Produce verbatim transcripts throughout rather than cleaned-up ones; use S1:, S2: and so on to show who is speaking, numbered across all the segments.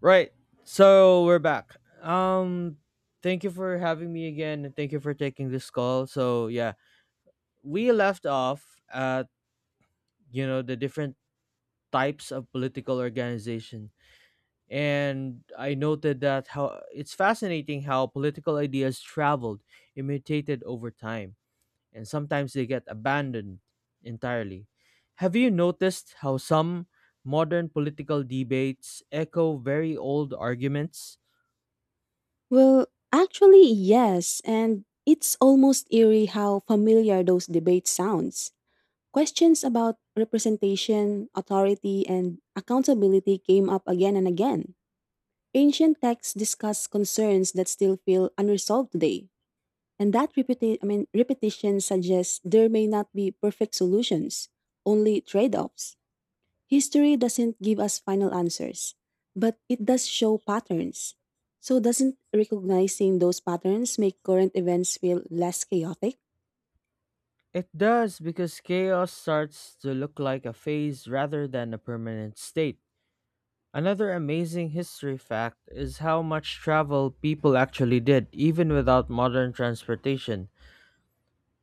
S1: Right. So we're back. Um Thank you for having me again and thank you for taking this call. So yeah, we left off at you know the different types of political organization. And I noted that how it's fascinating how political ideas traveled and mutated over time and sometimes they get abandoned entirely. Have you noticed how some modern political debates echo very old arguments?
S2: Well, actually, yes, and it's almost eerie how familiar those debates sounds. Questions about representation, authority, and accountability came up again and again. Ancient texts discuss concerns that still feel unresolved today, and that repeti- I mean, repetition suggests there may not be perfect solutions, only trade-offs. History doesn't give us final answers, but it does show patterns. So, doesn't recognizing those patterns make current events feel less chaotic?
S1: It does because chaos starts to look like a phase rather than a permanent state. Another amazing history fact is how much travel people actually did, even without modern transportation.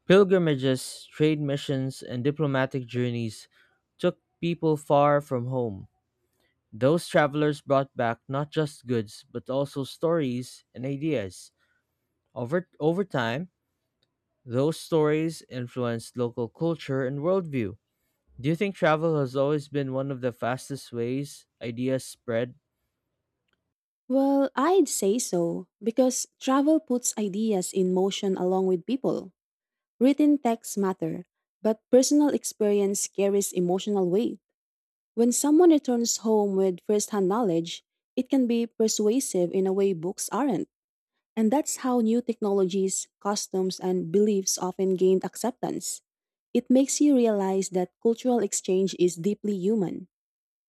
S1: Pilgrimages, trade missions, and diplomatic journeys took people far from home. Those travelers brought back not just goods, but also stories and ideas. Over, over time, those stories influenced local culture and worldview. Do you think travel has always been one of the fastest ways ideas spread?
S2: Well, I'd say so, because travel puts ideas in motion along with people. Written texts matter, but personal experience carries emotional weight. When someone returns home with first-hand knowledge, it can be persuasive in a way books aren't. And that's how new technologies, customs, and beliefs often gained acceptance. It makes you realize that cultural exchange is deeply human.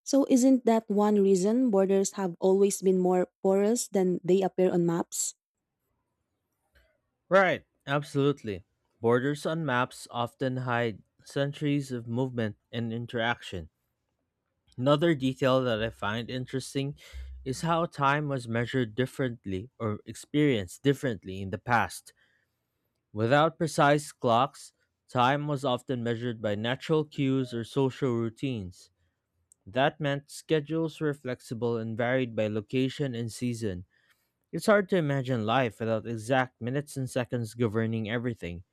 S2: So, isn't that one reason borders have always been more porous than they appear on maps?
S1: Right, absolutely. Borders on maps often hide centuries of movement and interaction. Another detail that I find interesting is how time was measured differently or experienced differently in the past. Without precise clocks, time was often measured by natural cues or social routines. That meant schedules were flexible and varied by location and season. It's hard to imagine life without exact minutes and seconds governing everything.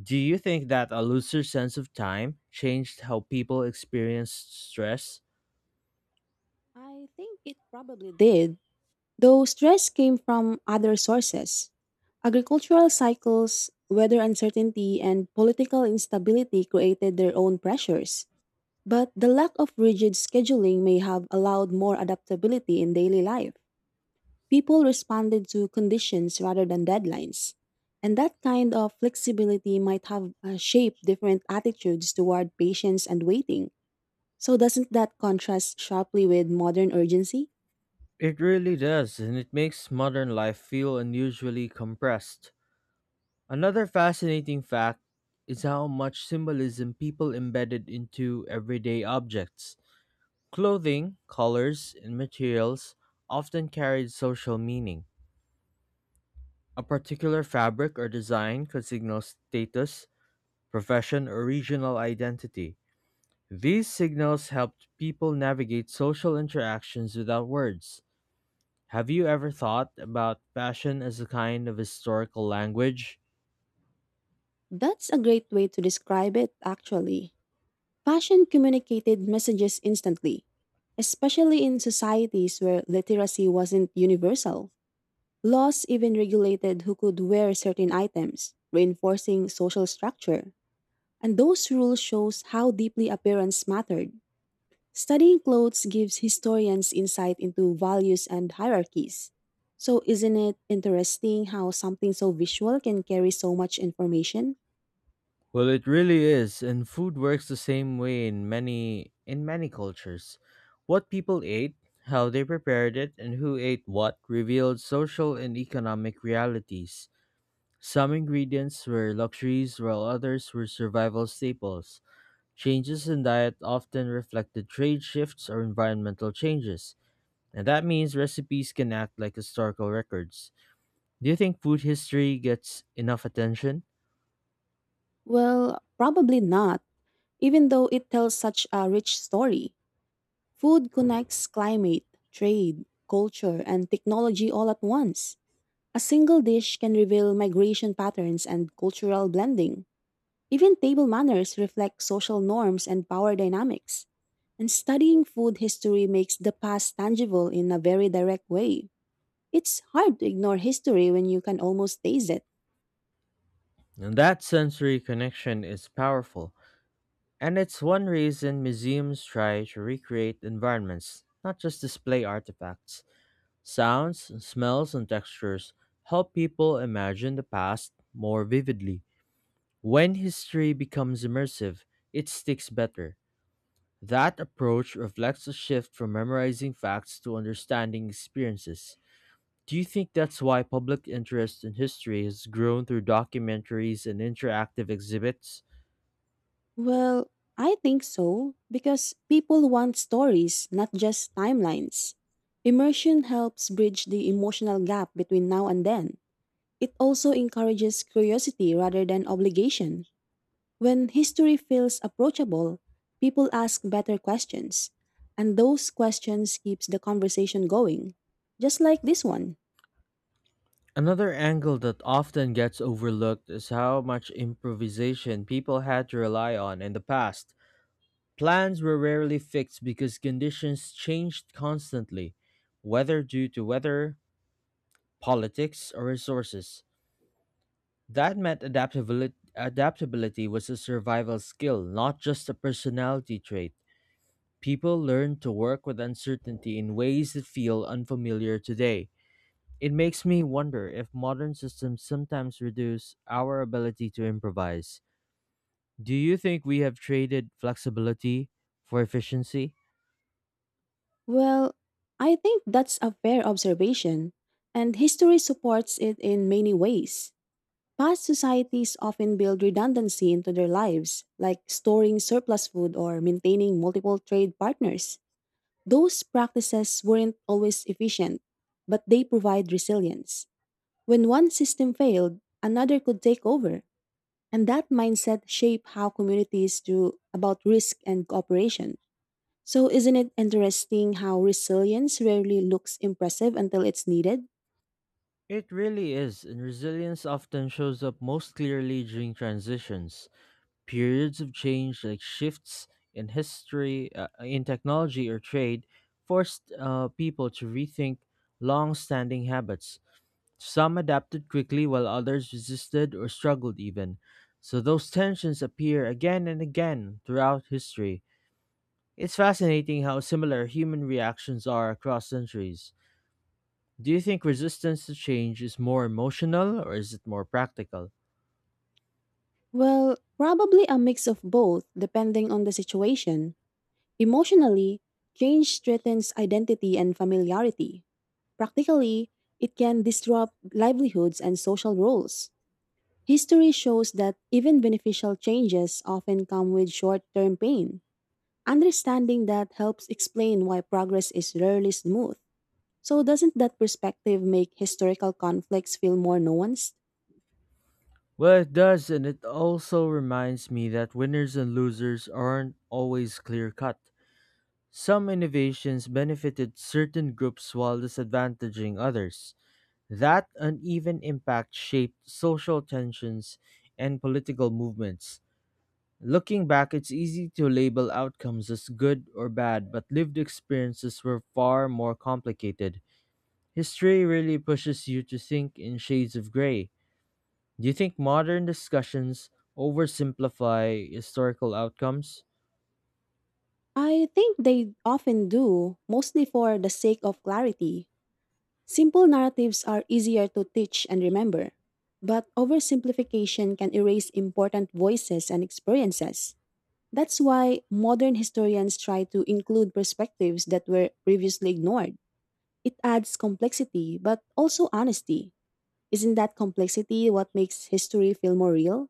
S1: Do you think that a looser sense of time changed how people experience stress?
S2: I think it probably did, though stress came from other sources. Agricultural cycles, weather uncertainty, and political instability created their own pressures. But the lack of rigid scheduling may have allowed more adaptability in daily life. People responded to conditions rather than deadlines. And that kind of flexibility might have uh, shaped different attitudes toward patience and waiting. So, doesn't that contrast sharply with modern urgency?
S1: It really does, and it makes modern life feel unusually compressed. Another fascinating fact is how much symbolism people embedded into everyday objects. Clothing, colors, and materials often carried social meaning. A particular fabric or design could signal status, profession, or regional identity. These signals helped people navigate social interactions without words. Have you ever thought about fashion as a kind of historical language?
S2: That's a great way to describe it, actually. Fashion communicated messages instantly, especially in societies where literacy wasn't universal. Laws even regulated who could wear certain items, reinforcing social structure. And those rules shows how deeply appearance mattered. Studying clothes gives historians insight into values and hierarchies. So isn't it interesting how something so visual can carry so much information?
S1: Well, it really is, and food works the same way in many in many cultures. What people ate, how they prepared it, and who ate what revealed social and economic realities. Some ingredients were luxuries while others were survival staples. Changes in diet often reflected trade shifts or environmental changes, and that means recipes can act like historical records. Do you think food history gets enough attention?
S2: Well, probably not, even though it tells such a rich story. Food connects climate, trade, culture, and technology all at once. A single dish can reveal migration patterns and cultural blending. Even table manners reflect social norms and power dynamics. And studying food history makes the past tangible in a very direct way. It's hard to ignore history when you can almost taste it.
S1: And that sensory connection is powerful, and it's one reason museums try to recreate environments, not just display artifacts. Sounds, smells, and textures help people imagine the past more vividly. When history becomes immersive, it sticks better. That approach reflects a shift from memorizing facts to understanding experiences. Do you think that's why public interest in history has grown through documentaries and interactive exhibits?
S2: Well, I think so, because people want stories, not just timelines. Immersion helps bridge the emotional gap between now and then. It also encourages curiosity rather than obligation. When history feels approachable, people ask better questions, and those questions keeps the conversation going. Just like this one.
S1: Another angle that often gets overlooked is how much improvisation people had to rely on in the past. Plans were rarely fixed because conditions changed constantly, whether due to weather, politics, or resources. That meant adaptability, adaptability was a survival skill, not just a personality trait. People learn to work with uncertainty in ways that feel unfamiliar today. It makes me wonder if modern systems sometimes reduce our ability to improvise. Do you think we have traded flexibility for efficiency?
S2: Well, I think that's a fair observation, and history supports it in many ways. Past societies often build redundancy into their lives, like storing surplus food or maintaining multiple trade partners. Those practices weren't always efficient, but they provide resilience. When one system failed, another could take over, and that mindset shaped how communities do about risk and cooperation. So, isn't it interesting how resilience rarely looks impressive until it's needed?
S1: It really is, and resilience often shows up most clearly during transitions. Periods of change, like shifts in history, uh, in technology, or trade, forced uh, people to rethink long standing habits. Some adapted quickly, while others resisted or struggled even. So those tensions appear again and again throughout history. It's fascinating how similar human reactions are across centuries. Do you think resistance to change is more emotional or is it more practical?
S2: Well, probably a mix of both, depending on the situation. Emotionally, change threatens identity and familiarity. Practically, it can disrupt livelihoods and social roles. History shows that even beneficial changes often come with short term pain. Understanding that helps explain why progress is rarely smooth. So, doesn't that perspective make historical conflicts feel more nuanced?
S1: Well, it does, and it also reminds me that winners and losers aren't always clear cut. Some innovations benefited certain groups while disadvantaging others. That uneven impact shaped social tensions and political movements. Looking back, it's easy to label outcomes as good or bad, but lived experiences were far more complicated. History really pushes you to think in shades of gray. Do you think modern discussions oversimplify historical outcomes?
S2: I think they often do, mostly for the sake of clarity. Simple narratives are easier to teach and remember, but oversimplification can erase important voices and experiences. That's why modern historians try to include perspectives that were previously ignored. It adds complexity, but also honesty. Isn't that complexity what makes history feel more real?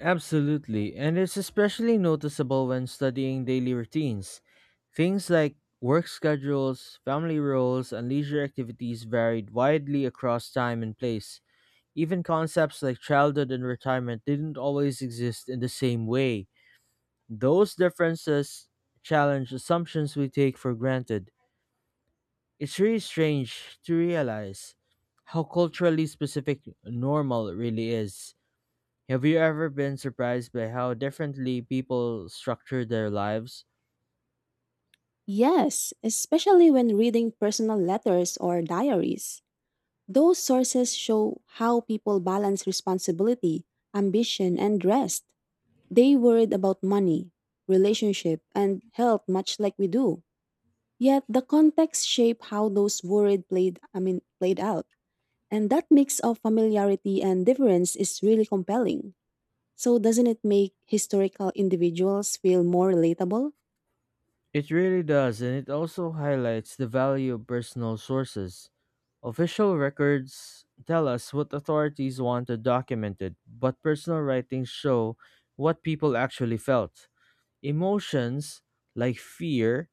S1: Absolutely, and it's especially noticeable when studying daily routines. Things like work schedules, family roles, and leisure activities varied widely across time and place. Even concepts like childhood and retirement didn't always exist in the same way. Those differences challenge assumptions we take for granted. It's really strange to realize how culturally specific normal really is. Have you ever been surprised by how differently people structure their lives?
S2: Yes, especially when reading personal letters or diaries. Those sources show how people balance responsibility, ambition, and rest. They worried about money, relationship, and health much like we do. Yet the context shaped how those worried played I mean played out. And that mix of familiarity and difference is really compelling. So doesn't it make historical individuals feel more relatable?
S1: It really does, and it also highlights the value of personal sources. Official records tell us what authorities wanted documented, but personal writings show what people actually felt. Emotions, like fear,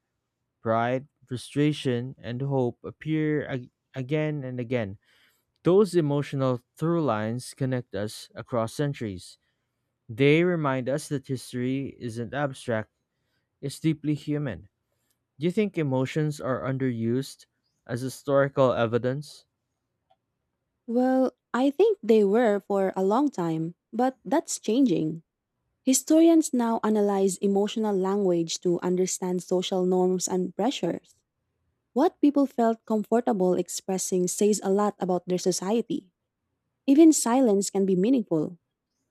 S1: pride, frustration, and hope appear ag- again and again. Those emotional through lines connect us across centuries. They remind us that history isn't abstract, it's deeply human. Do you think emotions are underused as historical evidence?
S2: Well, I think they were for a long time, but that's changing. Historians now analyze emotional language to understand social norms and pressures. What people felt comfortable expressing says a lot about their society. Even silence can be meaningful.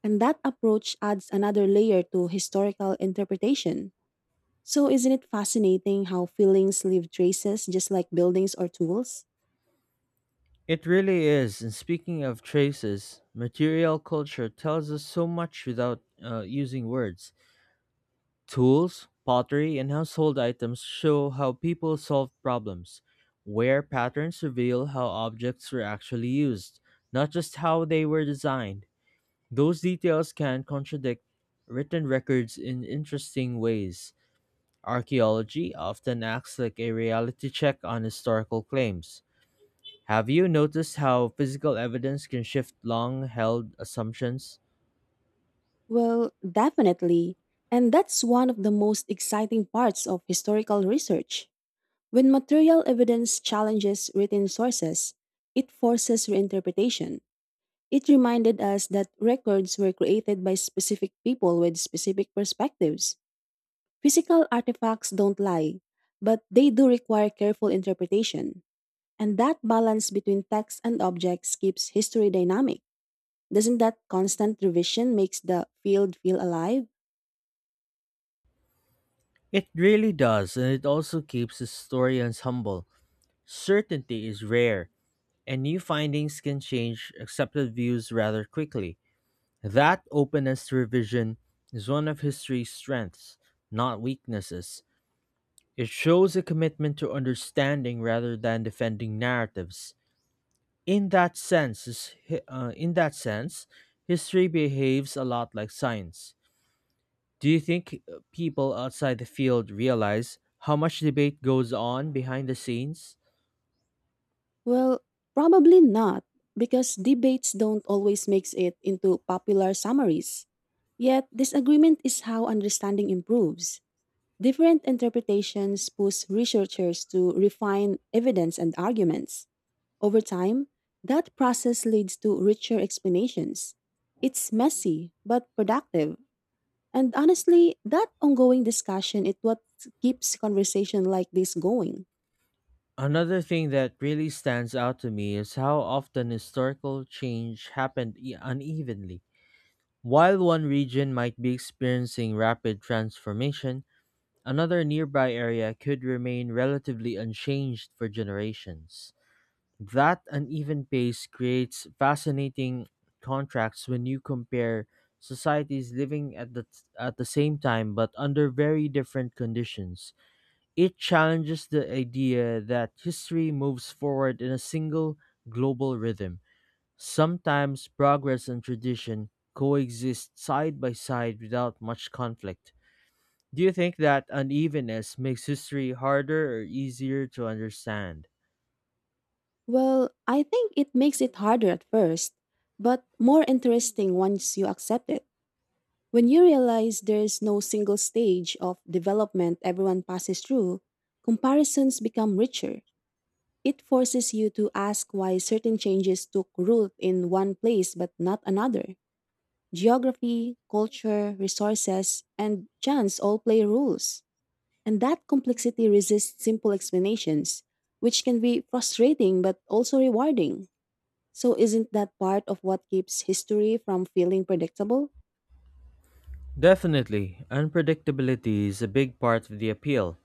S2: And that approach adds another layer to historical interpretation. So, isn't it fascinating how feelings leave traces just like buildings or tools?
S1: It really is. And speaking of traces, material culture tells us so much without uh, using words. Tools, pottery, and household items show how people solve problems, where patterns reveal how objects were actually used, not just how they were designed. Those details can contradict written records in interesting ways. Archaeology often acts like a reality check on historical claims. Have you noticed how physical evidence can shift long held assumptions?
S2: Well, definitely. And that's one of the most exciting parts of historical research. When material evidence challenges written sources, it forces reinterpretation. It reminded us that records were created by specific people with specific perspectives. Physical artifacts don't lie, but they do require careful interpretation. And that balance between text and objects keeps history dynamic. Doesn't that constant revision makes the field feel alive?
S1: It really does, and it also keeps historians humble. Certainty is rare, and new findings can change accepted views rather quickly. That openness to revision is one of history's strengths, not weaknesses. It shows a commitment to understanding rather than defending narratives. In that sense, is hi- uh, in that sense, history behaves a lot like science. Do you think uh, people outside the field realize how much debate goes on behind the scenes?
S2: Well, probably not, because debates don't always make it into popular summaries. Yet, disagreement is how understanding improves. Different interpretations push researchers to refine evidence and arguments. Over time, that process leads to richer explanations. It's messy, but productive. And honestly, that ongoing discussion is what keeps conversation like this going.
S1: Another thing that really stands out to me is how often historical change happened e- unevenly. While one region might be experiencing rapid transformation, another nearby area could remain relatively unchanged for generations. That uneven pace creates fascinating contrasts when you compare societies living at the, at the same time but under very different conditions. It challenges the idea that history moves forward in a single global rhythm. Sometimes progress and tradition coexist side by side without much conflict. Do you think that unevenness makes history harder or easier to understand?
S2: Well, I think it makes it harder at first, but more interesting once you accept it. When you realize there's no single stage of development everyone passes through, comparisons become richer. It forces you to ask why certain changes took root in one place but not another. Geography, culture, resources, and chance all play roles. And that complexity resists simple explanations, which can be frustrating but also rewarding. So, isn't that part of what keeps history from feeling predictable?
S1: Definitely, unpredictability is a big part of the appeal.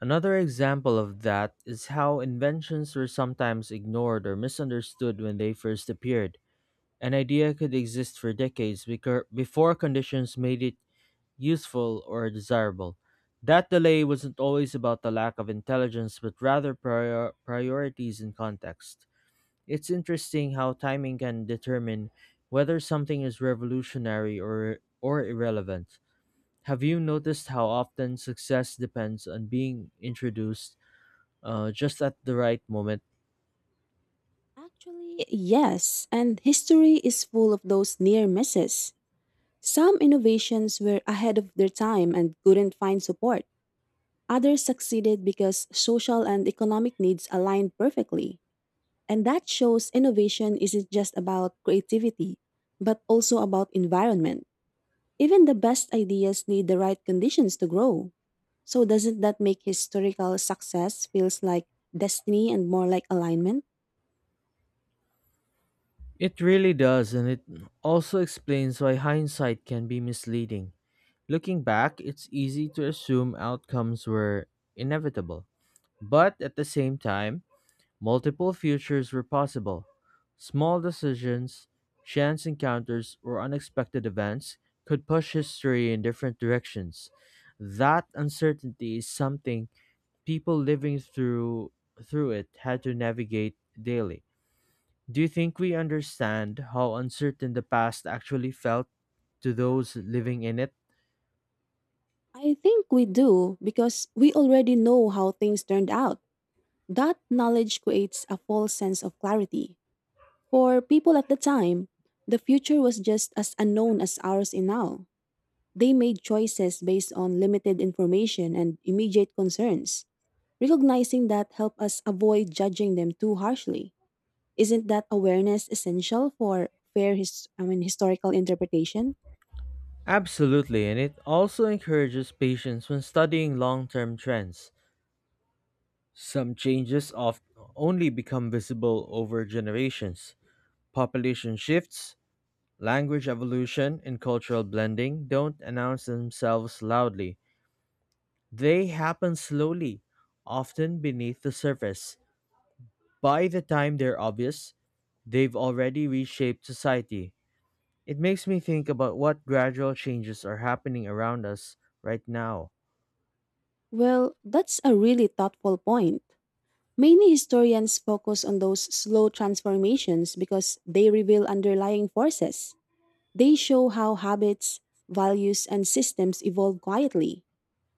S1: Another example of that is how inventions were sometimes ignored or misunderstood when they first appeared. An idea could exist for decades becau- before conditions made it useful or desirable. That delay wasn't always about the lack of intelligence, but rather prior- priorities and context. It's interesting how timing can determine whether something is revolutionary or, or irrelevant. Have you noticed how often success depends on being introduced uh, just at the right moment?
S2: Actually, yes, and history is full of those near misses. Some innovations were ahead of their time and couldn't find support. Others succeeded because social and economic needs aligned perfectly. And that shows innovation isn't just about creativity, but also about environment. Even the best ideas need the right conditions to grow. So, doesn't that make historical success feels like destiny and more like alignment?
S1: It really does, and it also explains why hindsight can be misleading. Looking back, it's easy to assume outcomes were inevitable. But at the same time, multiple futures were possible. Small decisions, chance encounters, or unexpected events could push history in different directions. That uncertainty is something people living through through it had to navigate daily. Do you think we understand how uncertain the past actually felt to those living in it?
S2: I think we do because we already know how things turned out. That knowledge creates a false sense of clarity. For people at the time, the future was just as unknown as ours is now. They made choices based on limited information and immediate concerns. Recognizing that helped us avoid judging them too harshly. Isn't that awareness essential for fair his- I mean, historical interpretation?
S1: Absolutely, and it also encourages patience when studying long term trends. Some changes oft- only become visible over generations. Population shifts, language evolution, and cultural blending don't announce themselves loudly. They happen slowly, often beneath the surface. By the time they're obvious, they've already reshaped society. It makes me think about what gradual changes are happening around us right now.
S2: Well, that's a really thoughtful point. Many historians focus on those slow transformations because they reveal underlying forces. They show how habits, values, and systems evolve quietly.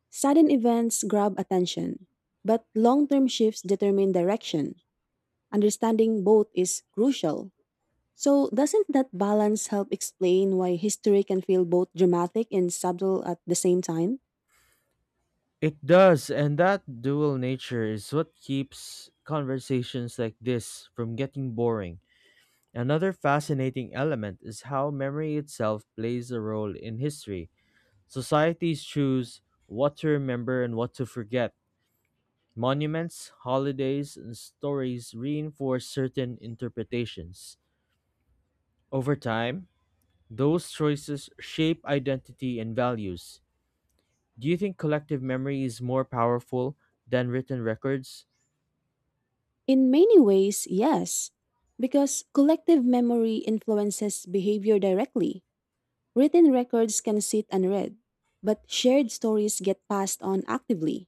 S2: Sudden events grab attention, but long term shifts determine direction. Understanding both is crucial. So, doesn't that balance help explain why history can feel both dramatic and subtle at the same time?
S1: It does, and that dual nature is what keeps conversations like this from getting boring. Another fascinating element is how memory itself plays a role in history. Societies choose what to remember and what to forget. Monuments, holidays, and stories reinforce certain interpretations. Over time, those choices shape identity and values. Do you think collective memory is more powerful than written records?
S2: In many ways, yes, because collective memory influences behavior directly. Written records can sit unread, but shared stories get passed on actively.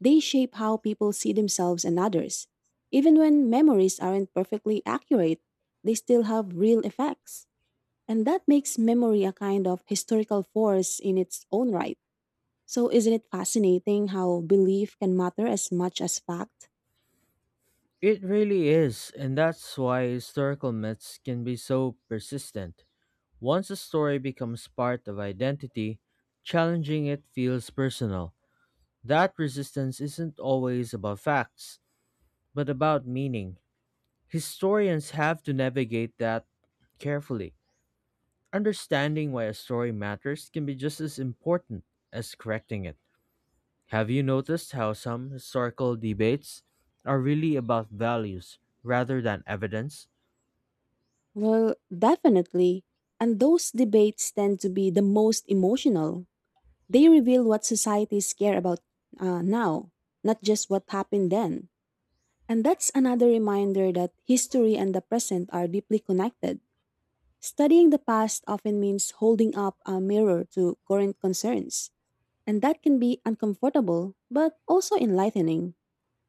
S2: They shape how people see themselves and others. Even when memories aren't perfectly accurate, they still have real effects. And that makes memory a kind of historical force in its own right. So, isn't it fascinating how belief can matter as much as fact?
S1: It really is, and that's why historical myths can be so persistent. Once a story becomes part of identity, challenging it feels personal. That resistance isn't always about facts, but about meaning. Historians have to navigate that carefully. Understanding why a story matters can be just as important as correcting it. Have you noticed how some historical debates are really about values rather than evidence?
S2: Well, definitely. And those debates tend to be the most emotional. They reveal what societies care about uh, now, not just what happened then. And that's another reminder that history and the present are deeply connected. Studying the past often means holding up a mirror to current concerns, and that can be uncomfortable, but also enlightening.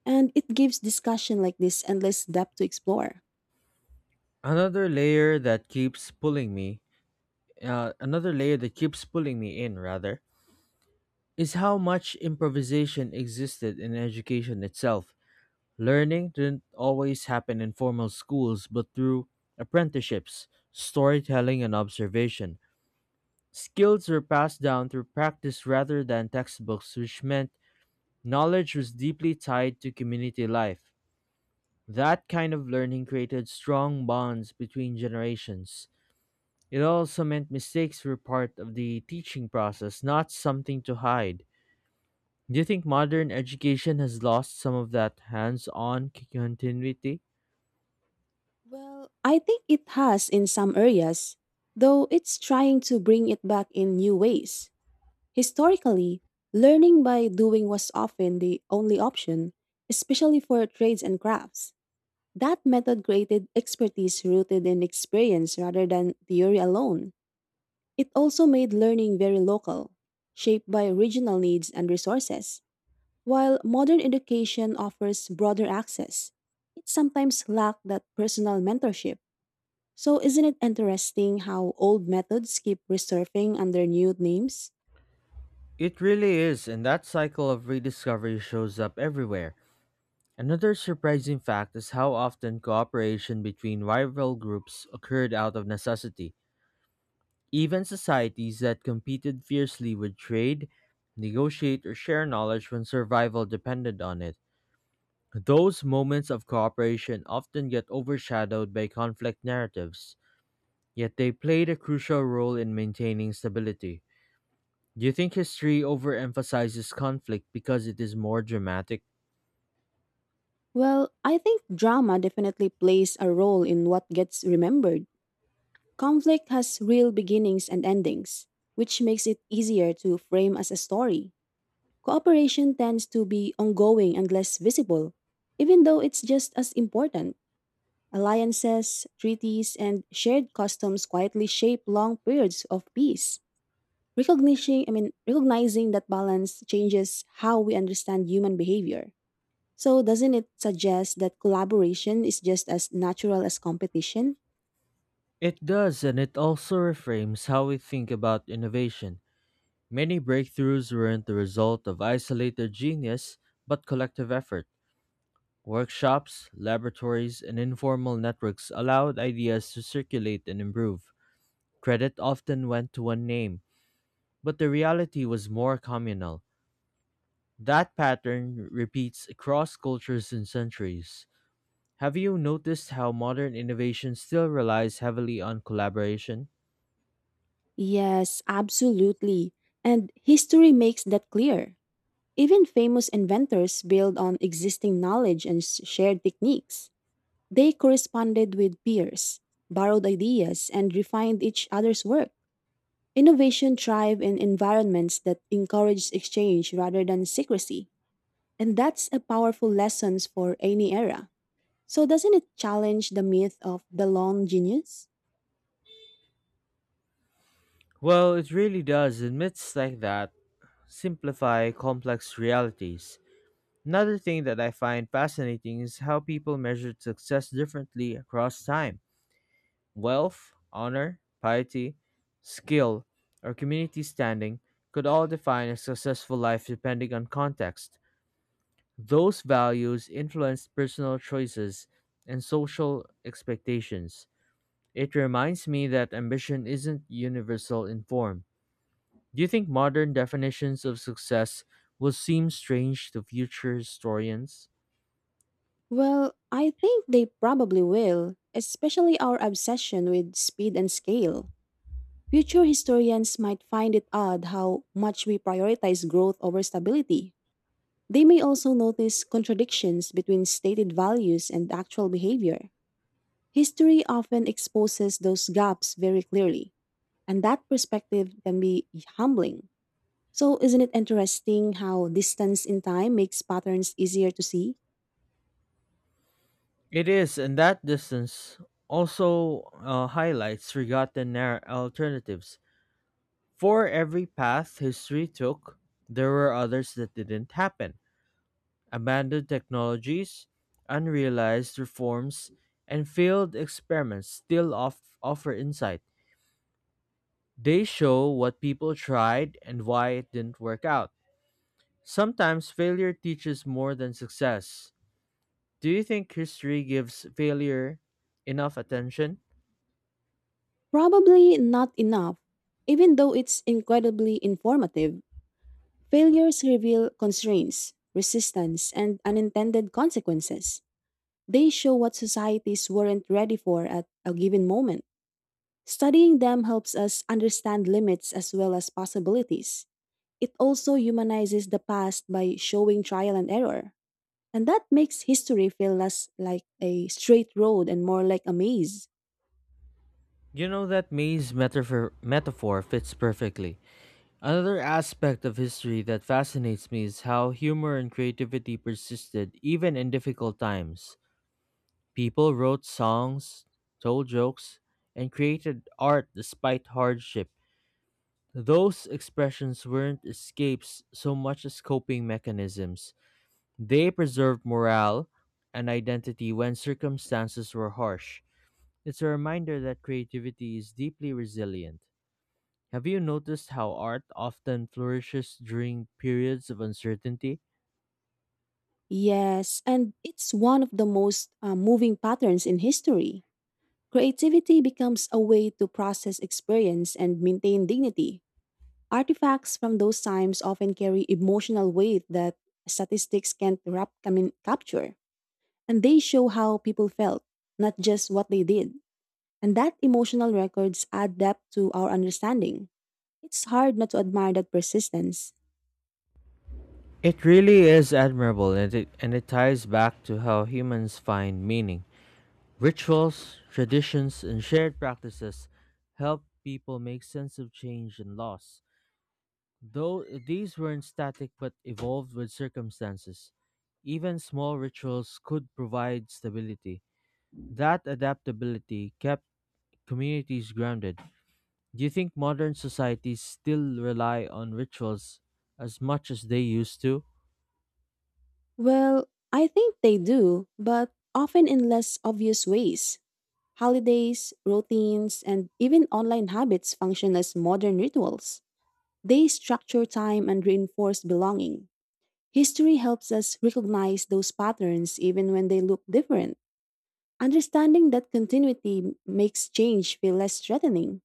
S2: And it gives discussion like this endless depth to explore.
S1: Another layer that keeps pulling me uh, another layer that keeps pulling me in rather is how much improvisation existed in education itself. Learning didn't always happen in formal schools, but through apprenticeships, storytelling, and observation. Skills were passed down through practice rather than textbooks, which meant knowledge was deeply tied to community life. That kind of learning created strong bonds between generations. It also meant mistakes were part of the teaching process, not something to hide. Do you think modern education has lost some of that hands on continuity?
S2: Well, I think it has in some areas, though it's trying to bring it back in new ways. Historically, learning by doing was often the only option, especially for trades and crafts. That method created expertise rooted in experience rather than theory alone. It also made learning very local, shaped by regional needs and resources. While modern education offers broader access, it sometimes lacks that personal mentorship. So, isn't it interesting how old methods keep resurfacing under new names?
S1: It really is, and that cycle of rediscovery shows up everywhere. Another surprising fact is how often cooperation between rival groups occurred out of necessity. Even societies that competed fiercely would trade, negotiate, or share knowledge when survival depended on it. Those moments of cooperation often get overshadowed by conflict narratives, yet they played a crucial role in maintaining stability. Do you think history overemphasizes conflict because it is more dramatic?
S2: Well, I think drama definitely plays a role in what gets remembered. Conflict has real beginnings and endings, which makes it easier to frame as a story. Cooperation tends to be ongoing and less visible, even though it's just as important. Alliances, treaties, and shared customs quietly shape long periods of peace. Recognizing, I mean, recognizing that balance changes how we understand human behavior. So, doesn't it suggest that collaboration is just as natural as competition?
S1: It does, and it also reframes how we think about innovation. Many breakthroughs weren't the result of isolated genius, but collective effort. Workshops, laboratories, and informal networks allowed ideas to circulate and improve. Credit often went to one name, but the reality was more communal. That pattern repeats across cultures and centuries. Have you noticed how modern innovation still relies heavily on collaboration?
S2: Yes, absolutely. And history makes that clear. Even famous inventors build on existing knowledge and s- shared techniques. They corresponded with peers, borrowed ideas, and refined each other's work. Innovation thrives in environments that encourage exchange rather than secrecy. And that's a powerful lesson for any era. So, doesn't it challenge the myth of the lone genius?
S1: Well, it really does, and myths like that simplify complex realities. Another thing that I find fascinating is how people measured success differently across time. Wealth, honor, piety, skill, or community standing could all define a successful life depending on context. Those values influence personal choices and social expectations. It reminds me that ambition isn't universal in form. Do you think modern definitions of success will seem strange to future historians?
S2: Well, I think they probably will, especially our obsession with speed and scale. Future historians might find it odd how much we prioritize growth over stability. They may also notice contradictions between stated values and actual behavior. History often exposes those gaps very clearly, and that perspective can be humbling. So, isn't it interesting how distance in time makes patterns easier to see?
S1: It is, and that distance also uh, highlights forgotten nar- alternatives. For every path history took, there were others that didn't happen. Abandoned technologies, unrealized reforms, and failed experiments still off- offer insight. They show what people tried and why it didn't work out. Sometimes failure teaches more than success. Do you think history gives failure enough attention?
S2: Probably not enough. Even though it's incredibly informative, failures reveal constraints, resistance, and unintended consequences. They show what societies weren't ready for at a given moment. Studying them helps us understand limits as well as possibilities. It also humanizes the past by showing trial and error. And that makes history feel less like a straight road and more like a maze.
S1: You know that maze metaphor metaphor fits perfectly. Another aspect of history that fascinates me is how humor and creativity persisted even in difficult times. People wrote songs, told jokes, and created art despite hardship. Those expressions weren't escapes so much as coping mechanisms. They preserved morale and identity when circumstances were harsh. It's a reminder that creativity is deeply resilient. Have you noticed how art often flourishes during periods of uncertainty?
S2: Yes, and it's one of the most uh, moving patterns in history. Creativity becomes a way to process experience and maintain dignity. Artifacts from those times often carry emotional weight that statistics can't rap- I mean, capture, and they show how people felt, not just what they did. And that emotional records add depth to our understanding. It's hard not to admire that persistence.
S1: It really is admirable, and it, and it ties back to how humans find meaning. Rituals, traditions, and shared practices help people make sense of change and loss, though these weren't static but evolved with circumstances. Even small rituals could provide stability. That adaptability kept communities grounded. Do you think modern societies still rely on rituals as much as they used to?
S2: Well, I think they do, but often in less obvious ways. Holidays, routines, and even online habits function as modern rituals. They structure time and reinforce belonging. History helps us recognize those patterns even when they look different. Understanding that continuity makes change feel less threatening.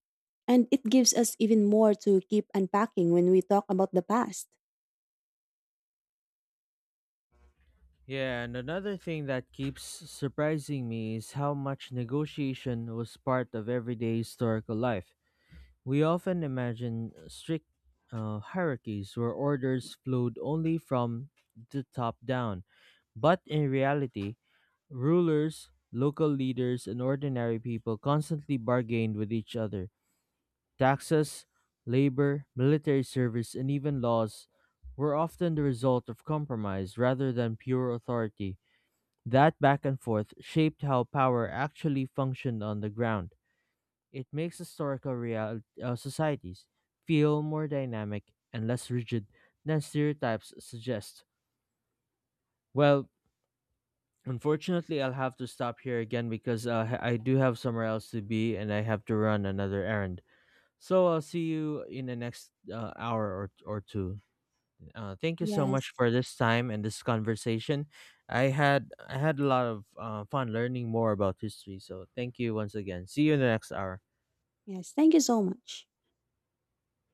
S2: And it gives us even more to keep unpacking when we talk about the past.
S1: Yeah, and another thing that keeps surprising me is how much negotiation was part of everyday historical life. We often imagine strict uh, hierarchies where orders flowed only from the top down, but in reality, rulers, local leaders, and ordinary people constantly bargained with each other. Taxes, labor, military service, and even laws were often the result of compromise rather than pure authority. That back and forth shaped how power actually functioned on the ground. It makes historical real uh, societies feel more dynamic and less rigid than stereotypes suggest. Well, unfortunately, I'll have to stop here again because uh, h- I do have somewhere else to be, and I have to run another errand. So I'll see you in the next uh, hour or, or two. Uh, thank you so
S2: Yes.
S1: much for this time and this conversation. I had I had a lot of uh, fun learning more about history. So thank you once again. See you in the next hour.
S2: Yes. Thank you so much.